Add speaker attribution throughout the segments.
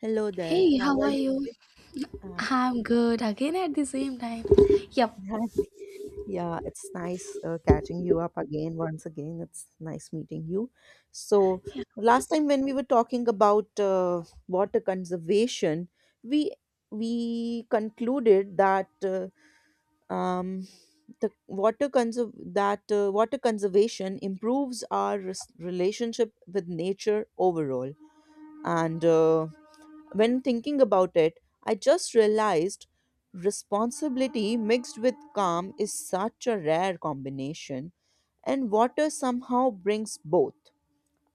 Speaker 1: Hello there.
Speaker 2: Hey,
Speaker 1: How
Speaker 2: how
Speaker 1: are
Speaker 2: are
Speaker 1: you
Speaker 2: you?
Speaker 1: today? Uh,
Speaker 2: I'm good again at the same time. Yep.
Speaker 1: yeah, it's nice catching you up again. Once again, it's nice meeting you. So, Last time when we were talking about water conservation, we we concluded that um, the water conserv that water conservation improves our relationship with nature overall, and when thinking about it, I just realized responsibility mixed with calm is such a rare combination, and water somehow brings both.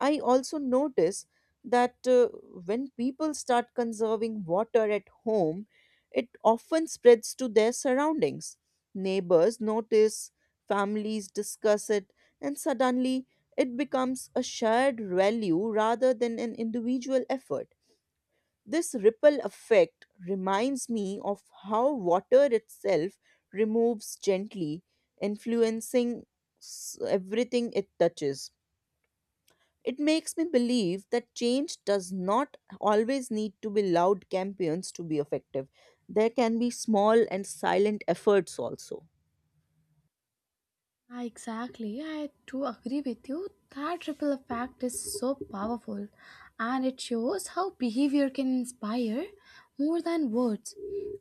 Speaker 1: I also notice that when people start conserving water at home, it often spreads to their surroundings. Neighbors notice, families discuss it, and suddenly it becomes a shared value rather than an individual effort. This ripple effect reminds me of how water itself removes gently, influencing everything it touches. It makes me believe that change does not always need to be loud campaigns to be effective. There can be small and silent efforts also.
Speaker 2: Ah, exactly, I do agree with you. That ripple effect is so powerful, and it shows how behavior can inspire more than words.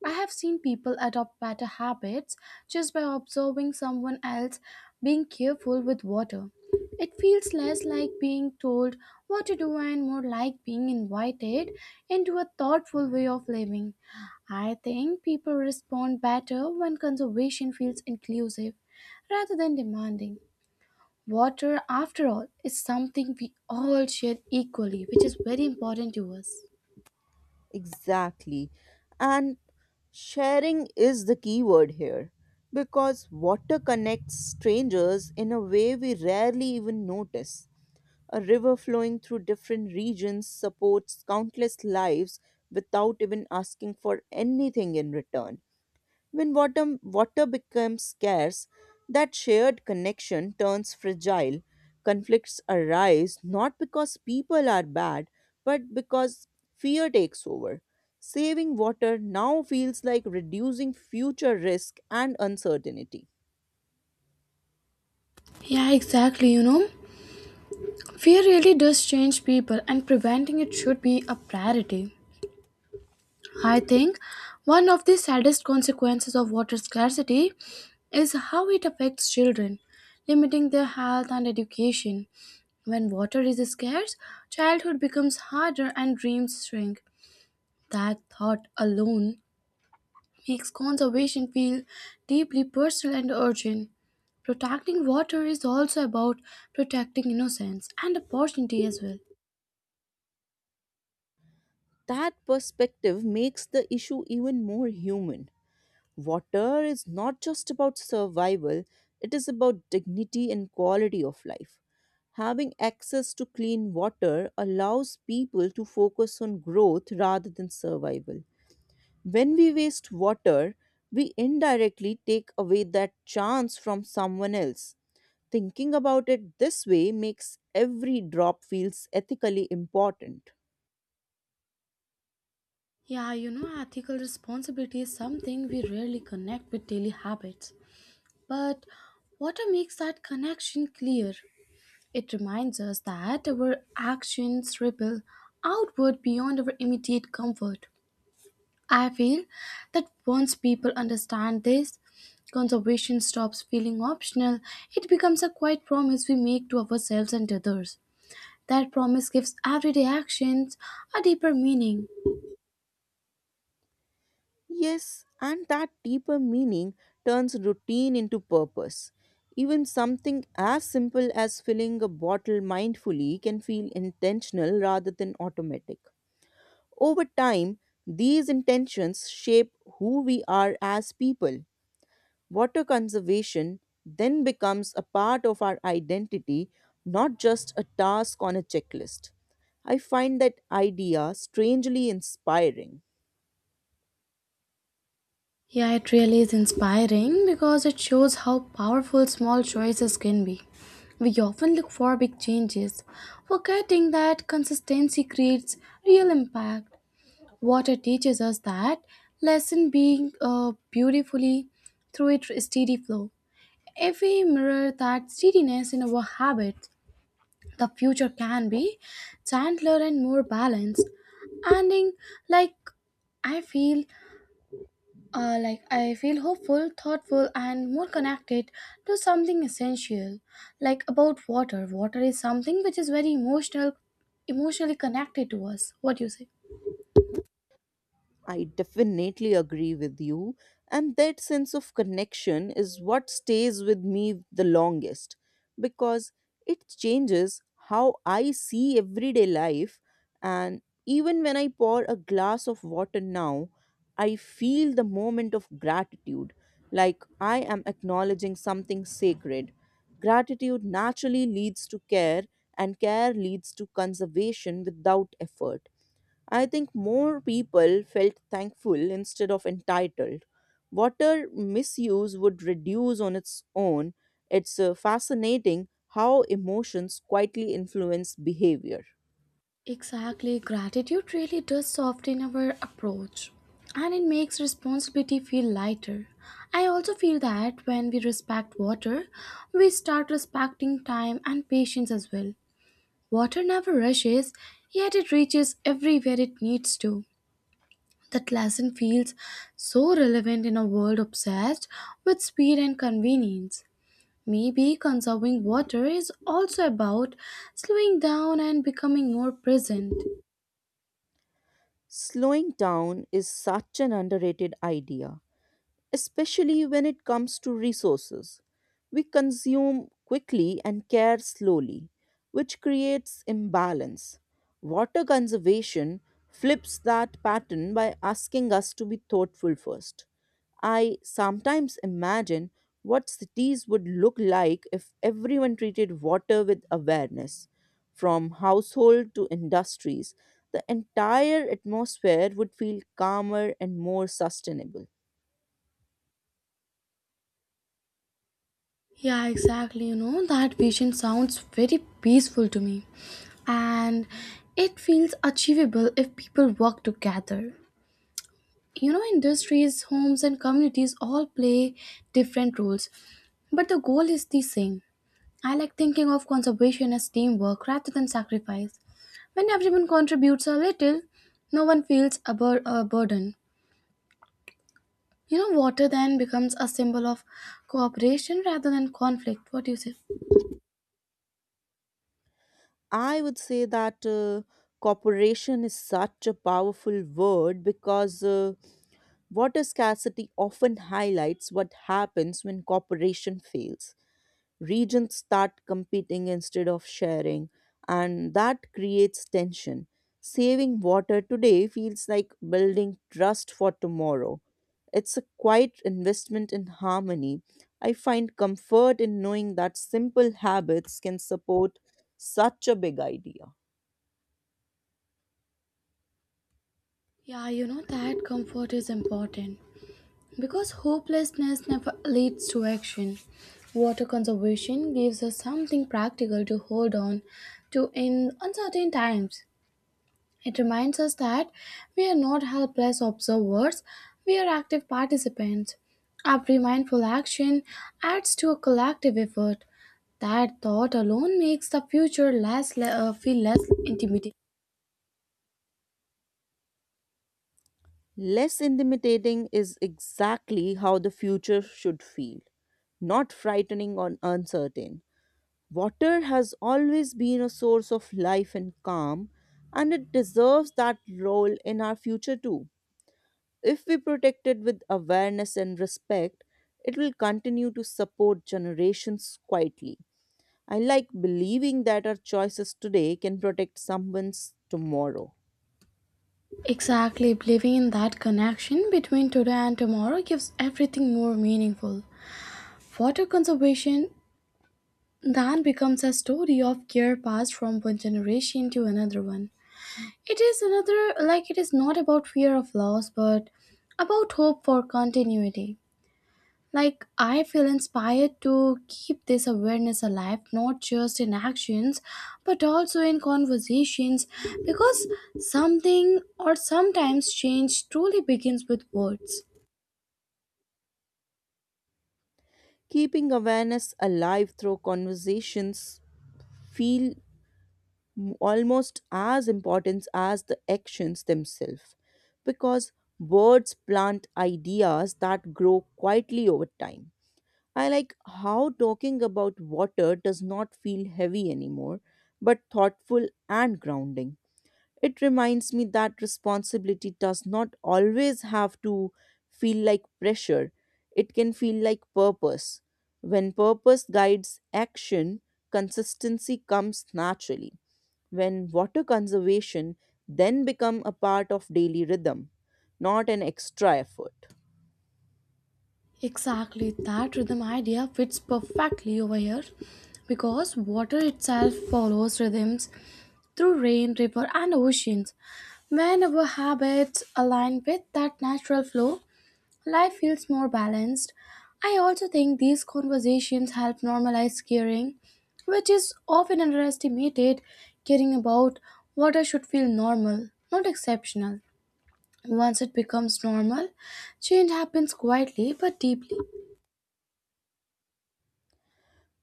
Speaker 2: I have seen people adopt better habits just by observing someone else being careful with water. It feels less like being told what to do and more like being invited into a thoughtful way of living. I think people respond better when conservation feels inclusive rather than demanding. Water, after all, is something we all share equally, which is very important to us.
Speaker 1: Exactly. And sharing is the key word here because water connects strangers in a way we rarely even notice. A river flowing through different regions supports countless lives without even asking for anything in return. When water becomes scarce, that shared connection turns fragile. Conflicts arise not because people are bad, but because fear takes over. Saving water now feels like reducing future risk and uncertainty.
Speaker 2: Yeah, exactly. Fear really does change people, and preventing it should be a priority. I think one of the saddest consequences of water scarcity is how it affects children, limiting their health and education. When water is scarce, childhood becomes harder and dreams shrink. That thought alone makes conservation feel deeply personal and urgent. Protecting water is also about protecting innocence and opportunity as well.
Speaker 1: That perspective makes the issue even more human. Water is not just about survival, it is about dignity and quality of life. Having access to clean water allows people to focus on growth rather than survival. When we waste water, we indirectly take away that chance from someone else. Thinking about it this way makes every drop feels ethically important.
Speaker 2: Yeah, ethical responsibility is something we rarely connect with daily habits. But water makes that connection clear. It reminds us that our actions ripple outward beyond our immediate comfort. I feel that once people understand this, conservation stops feeling optional. It becomes a quiet promise we make to ourselves and others. That promise gives everyday actions a deeper meaning.
Speaker 1: Yes, and that deeper meaning turns routine into purpose. Even something as simple as filling a bottle mindfully can feel intentional rather than automatic. Over time, these intentions shape who we are as people. Water conservation then becomes a part of our identity, not just a task on a checklist. I find that idea strangely inspiring.
Speaker 2: Yeah, it really is inspiring because it shows how powerful small choices can be. We often look for big changes, forgetting that consistency creates real impact. Water teaches us that lesson being beautifully through its steady flow. If we mirror that steadiness in our habits, the future can be gentler and more balanced. Ending like I feel like I feel hopeful, thoughtful, and more connected to something essential. Like about water, is something which is very emotional, emotionally connected to us. What do you say?
Speaker 1: I definitely agree with you. And that sense of connection is what stays with me the longest because it changes how I see everyday life. And even when I pour a glass of water now, I feel the moment of gratitude, like I am acknowledging something sacred. Gratitude naturally leads to care, and care leads to conservation without effort. I think more people felt thankful instead of entitled. Water misuse would reduce on its own. It's fascinating how emotions quietly influence behavior.
Speaker 2: Exactly, gratitude really does soften our approach, and it makes responsibility feel lighter. I also feel that when we respect water, we start respecting time and patience as well. Water never rushes, yet it reaches everywhere it needs to. That lesson feels so relevant in a world obsessed with speed and convenience. Maybe conserving water is also about slowing down and becoming more present.
Speaker 1: Slowing down is such an underrated idea, especially when it comes to resources. We consume quickly and care slowly, which creates imbalance. Water conservation flips that pattern by asking us to be thoughtful first. I sometimes imagine what cities would look like if everyone treated water with awareness. From household to industries, the entire atmosphere would feel calmer and more sustainable.
Speaker 2: Yeah, exactly. That vision sounds very peaceful to me. And it feels achievable if people work together. You know, industries, homes, and communities all play different roles, but the goal is the same. I like thinking of conservation as teamwork rather than sacrifice. When everyone contributes a little, no one feels a burden. Water then becomes a symbol of cooperation rather than conflict. What do you say?
Speaker 1: I would say that cooperation is such a powerful word because water scarcity often highlights what happens when cooperation fails. Regions start competing instead of sharing, and that creates tension. Saving water today feels like building trust for tomorrow. It's a quiet investment in harmony. I find comfort in knowing that simple habits can support such a big idea.
Speaker 2: Yeah, you know that comfort is important because hopelessness never leads to action. Water conservation gives us something practical to hold on to in uncertain times. It reminds us that we are not helpless observers, we are active participants. Every mindful action adds to a collective effort. That thought alone makes the future feel less intimidating.
Speaker 1: Less intimidating is exactly how the future should feel, not frightening or uncertain. Water has always been a source of life and calm, and it deserves that role in our future too. If we protect it with awareness and respect, it will continue to support generations quietly. I like believing that our choices today can protect someone's tomorrow.
Speaker 2: Exactly, believing in that connection between today and tomorrow gives everything more meaningful. Water conservation then becomes a story of care passed from one generation to another one. It is another, like, it is not about fear of loss, but about hope for continuity. Like, I feel inspired to keep this awareness alive, not just in actions, but also in conversations, because something or sometimes change truly begins with words.
Speaker 1: Keeping awareness alive through conversations feel almost as important as the actions themselves because words plant ideas that grow quietly over time. I like how talking about water does not feel heavy anymore but thoughtful and grounding. It reminds me that responsibility does not always have to feel like pressure, it can feel like purpose. When purpose guides action, consistency comes naturally. When water conservation then become a part of daily rhythm, not an extra effort.
Speaker 2: Exactly, that rhythm idea fits perfectly over here because water itself follows rhythms through rain, river, and oceans. When our habits align with that natural flow, life feels more balanced. I also think these conversations help normalize caring, which is often underestimated. Caring about water should feel normal, not exceptional. Once it becomes normal, change happens quietly but deeply.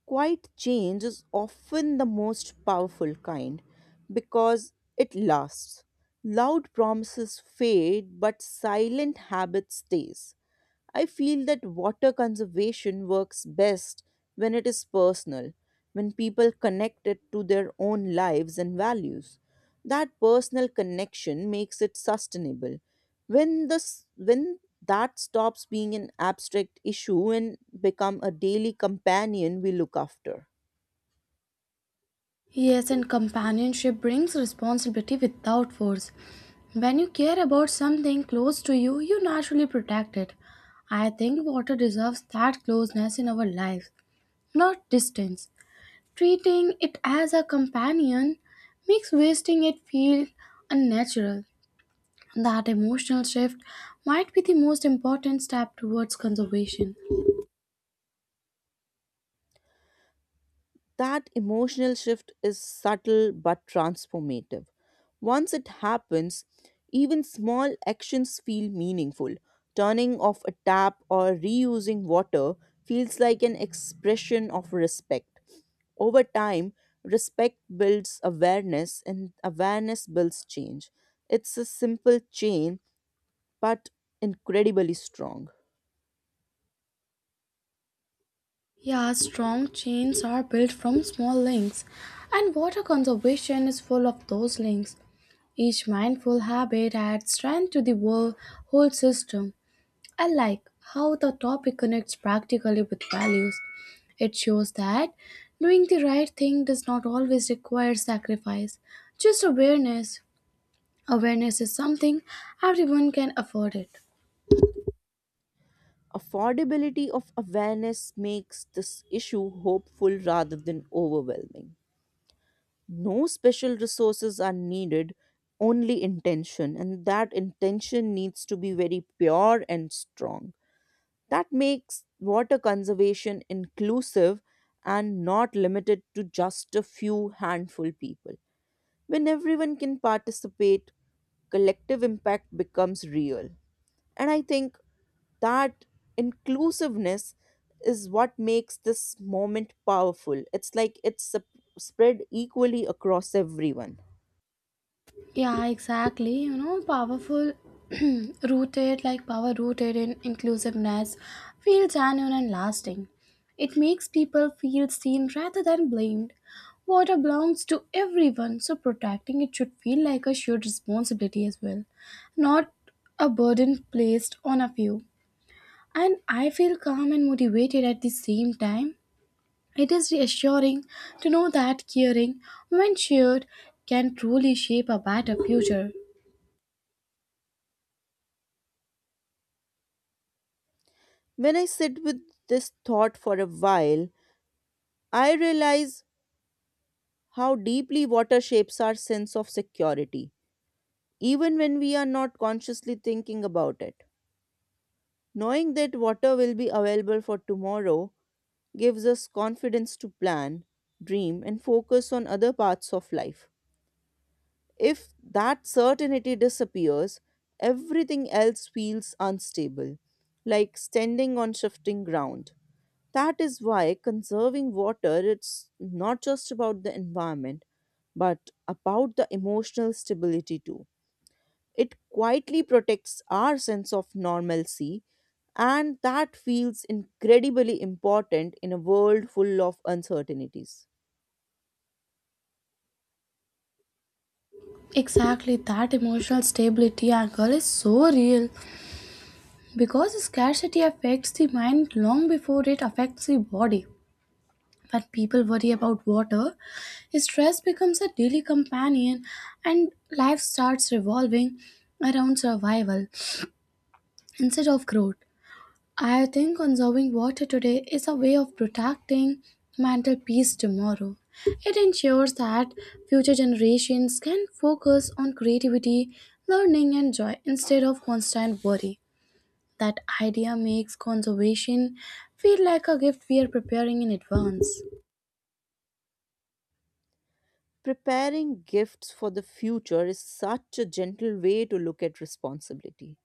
Speaker 1: Quiet change is often the most powerful kind because it lasts. Loud promises fade, but silent habit stays. I feel that water conservation works best when it is personal, when people connect it to their own lives and values. That personal connection makes it sustainable. When that stops being an abstract issue and become a daily companion we look after.
Speaker 2: Yes, and companionship brings responsibility without force. When you care about something close to you, you naturally protect it. I think water deserves that closeness in our lives, not distance. Treating it as a companion makes wasting it feel unnatural. That emotional shift might be the most important step towards conservation.
Speaker 1: That emotional shift is subtle but transformative. Once it happens, even small actions feel meaningful. Turning off a tap or reusing water feels like an expression of respect. Over time, respect builds awareness, and awareness builds change. It's a simple chain, but incredibly strong.
Speaker 2: Yeah, strong chains are built from small links, and water conservation is full of those links. Each mindful habit adds strength to the whole system. I like how the topic connects practically with values. It shows that doing the right thing does not always require sacrifice, just awareness. Awareness is something everyone can afford it.
Speaker 1: Affordability of awareness makes this issue hopeful rather than overwhelming. No special resources are needed, only intention, and that intention needs to be very pure and strong. That makes water conservation inclusive and not limited to just a few handful people. When everyone can participate, collective impact becomes real. And I think that inclusiveness is what makes this moment powerful. It's like it's spread equally across everyone.
Speaker 2: Yeah, exactly. Powerful, rooted, like power rooted in inclusiveness, feels genuine and lasting. It makes people feel seen rather than blamed. Water belongs to everyone, so protecting it should feel like a shared responsibility as well, not a burden placed on a few. And I feel calm and motivated at the same time. It is reassuring to know that caring, when shared, can truly shape a better future.
Speaker 1: When I sit with this thought for a while, I realize how deeply water shapes our sense of security, even when we are not consciously thinking about it. Knowing that water will be available for tomorrow gives us confidence to plan, dream, and focus on other parts of life. If that certainty disappears, everything else feels unstable, like standing on shifting ground. That is why conserving water it's not just about the environment but about the emotional stability too. It quietly protects our sense of normalcy and that feels incredibly important in a world full of uncertainties.
Speaker 2: Exactly, that emotional stability angle is so real because scarcity affects the mind long before it affects the body. When people worry about water, stress becomes a daily companion and life starts revolving around survival instead of growth. I think conserving water today is a way of protecting mental peace tomorrow. It ensures that future generations can focus on creativity, learning, and joy instead of constant worry. That idea makes conservation feel like a gift we are preparing in advance.
Speaker 1: Preparing gifts for the future is such a gentle way to look at responsibility.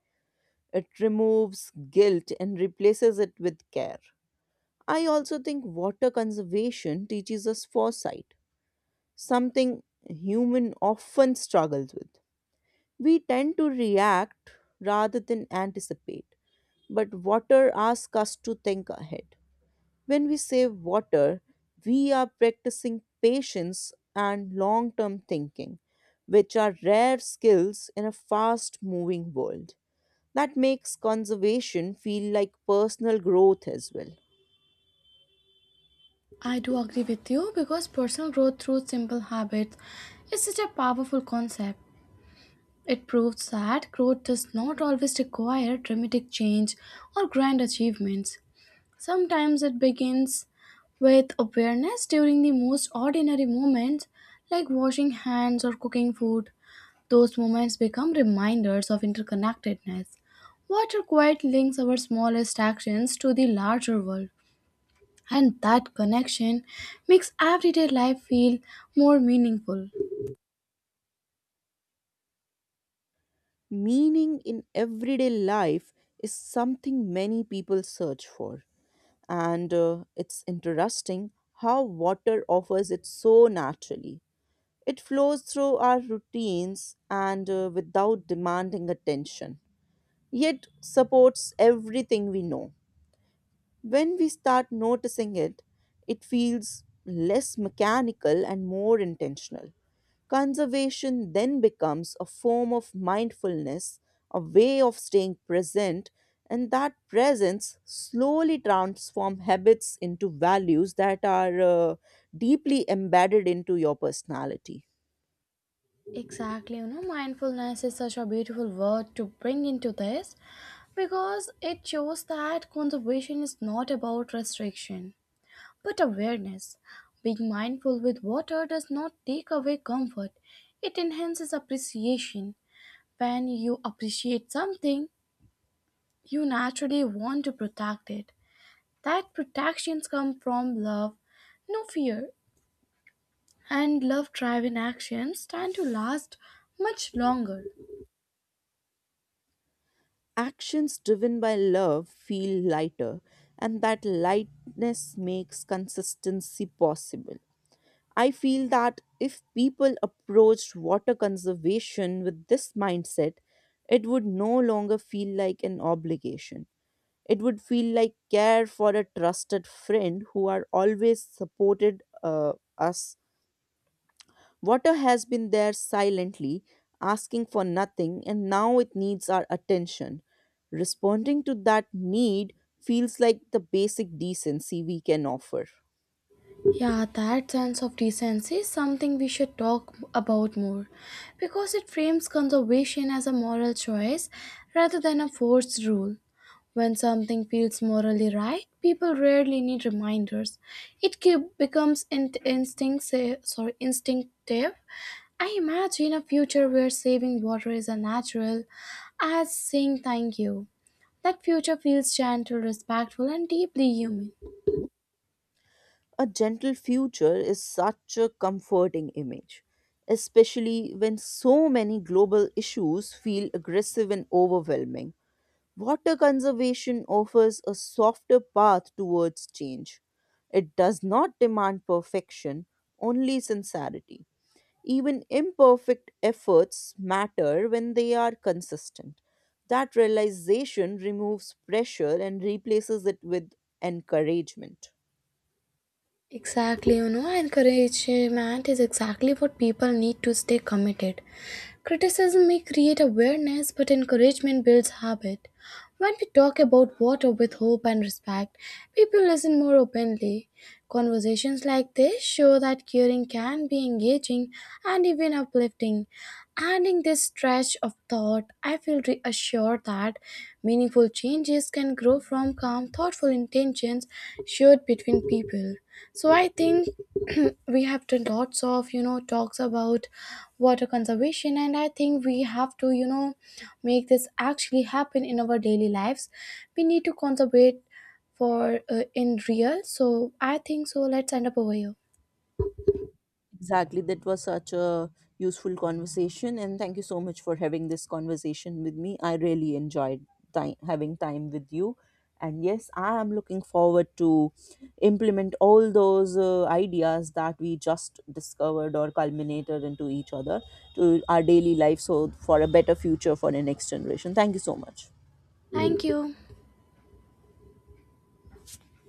Speaker 1: It removes guilt and replaces it with care. I also think water conservation teaches us foresight, something human often struggles with. We tend to react rather than anticipate, but water asks us to think ahead. When we save water, we are practicing patience and long term thinking, which are rare skills in a fast moving world. That makes conservation feel like personal growth as well.
Speaker 2: I do agree with you because personal growth through simple habits is such a powerful concept. It proves that growth does not always require dramatic change or grand achievements. Sometimes it begins with awareness during the most ordinary moments, like washing hands or cooking food. Those moments become reminders of interconnectedness. Water quite links our smallest actions to the larger world, and that connection makes everyday life feel more meaningful.
Speaker 1: Meaning in everyday life is something many people search for, and it's interesting how water offers it so naturally. It flows through our routines and without demanding attention, yet supports everything we know. When we start noticing it, it feels less mechanical and more intentional. Conservation then becomes a form of mindfulness, a way of staying present, and that presence slowly transforms habits into values that are deeply embedded into your personality.
Speaker 2: Exactly, mindfulness is such a beautiful word to bring into this because it shows that conservation is not about restriction but awareness. Being mindful with water does not take away comfort, it enhances appreciation. When you appreciate something, you naturally want to protect it. That protections come from love, no fear, and love driven actions tend to last much longer.
Speaker 1: Actions driven by love feel lighter, and that lightness makes consistency possible. I feel that if people approached water conservation with this mindset, it would no longer feel like an obligation. It would feel like care for a trusted friend who are always supported us. Water has been there silently, asking for nothing, and now it needs our attention. Responding to that need feels like the basic decency we can offer.
Speaker 2: Yeah, that sense of decency is something we should talk about more because it frames conservation as a moral choice rather than a forced rule. When something feels morally right, people rarely need reminders. It becomes instinctive, sorry, instinctive. I imagine a future where saving water is as natural as saying thank you. That future feels gentle, respectful, and deeply human.
Speaker 1: A gentle future is such a comforting image, especially when so many global issues feel aggressive and overwhelming. Water conservation offers a softer path towards change. It does not demand perfection, only sincerity. Even imperfect efforts matter when they are consistent. That realization removes pressure and replaces it with encouragement.
Speaker 2: Exactly, encouragement is exactly what people need to stay committed. Criticism may create awareness, but encouragement builds habit. When we talk about water with hope and respect, people listen more openly. Conversations like this show that caring can be engaging and even uplifting. Adding this stretch of thought, I feel reassured that meaningful changes can grow from calm, thoughtful intentions shared between people. So I think we have done lots of talks about water conservation, and I think we have to make this actually happen in our daily lives. We need to conservate for in real. So I think so let's end up over here.
Speaker 1: Exactly. That was such a useful conversation. And thank you so much for having this conversation with me. I really enjoyed time, having time with you. And yes, I am looking forward to implement all those ideas that we just discovered or culminated into each other to our daily life so for a better future for the next generation. Thank you so much.
Speaker 2: Thank you.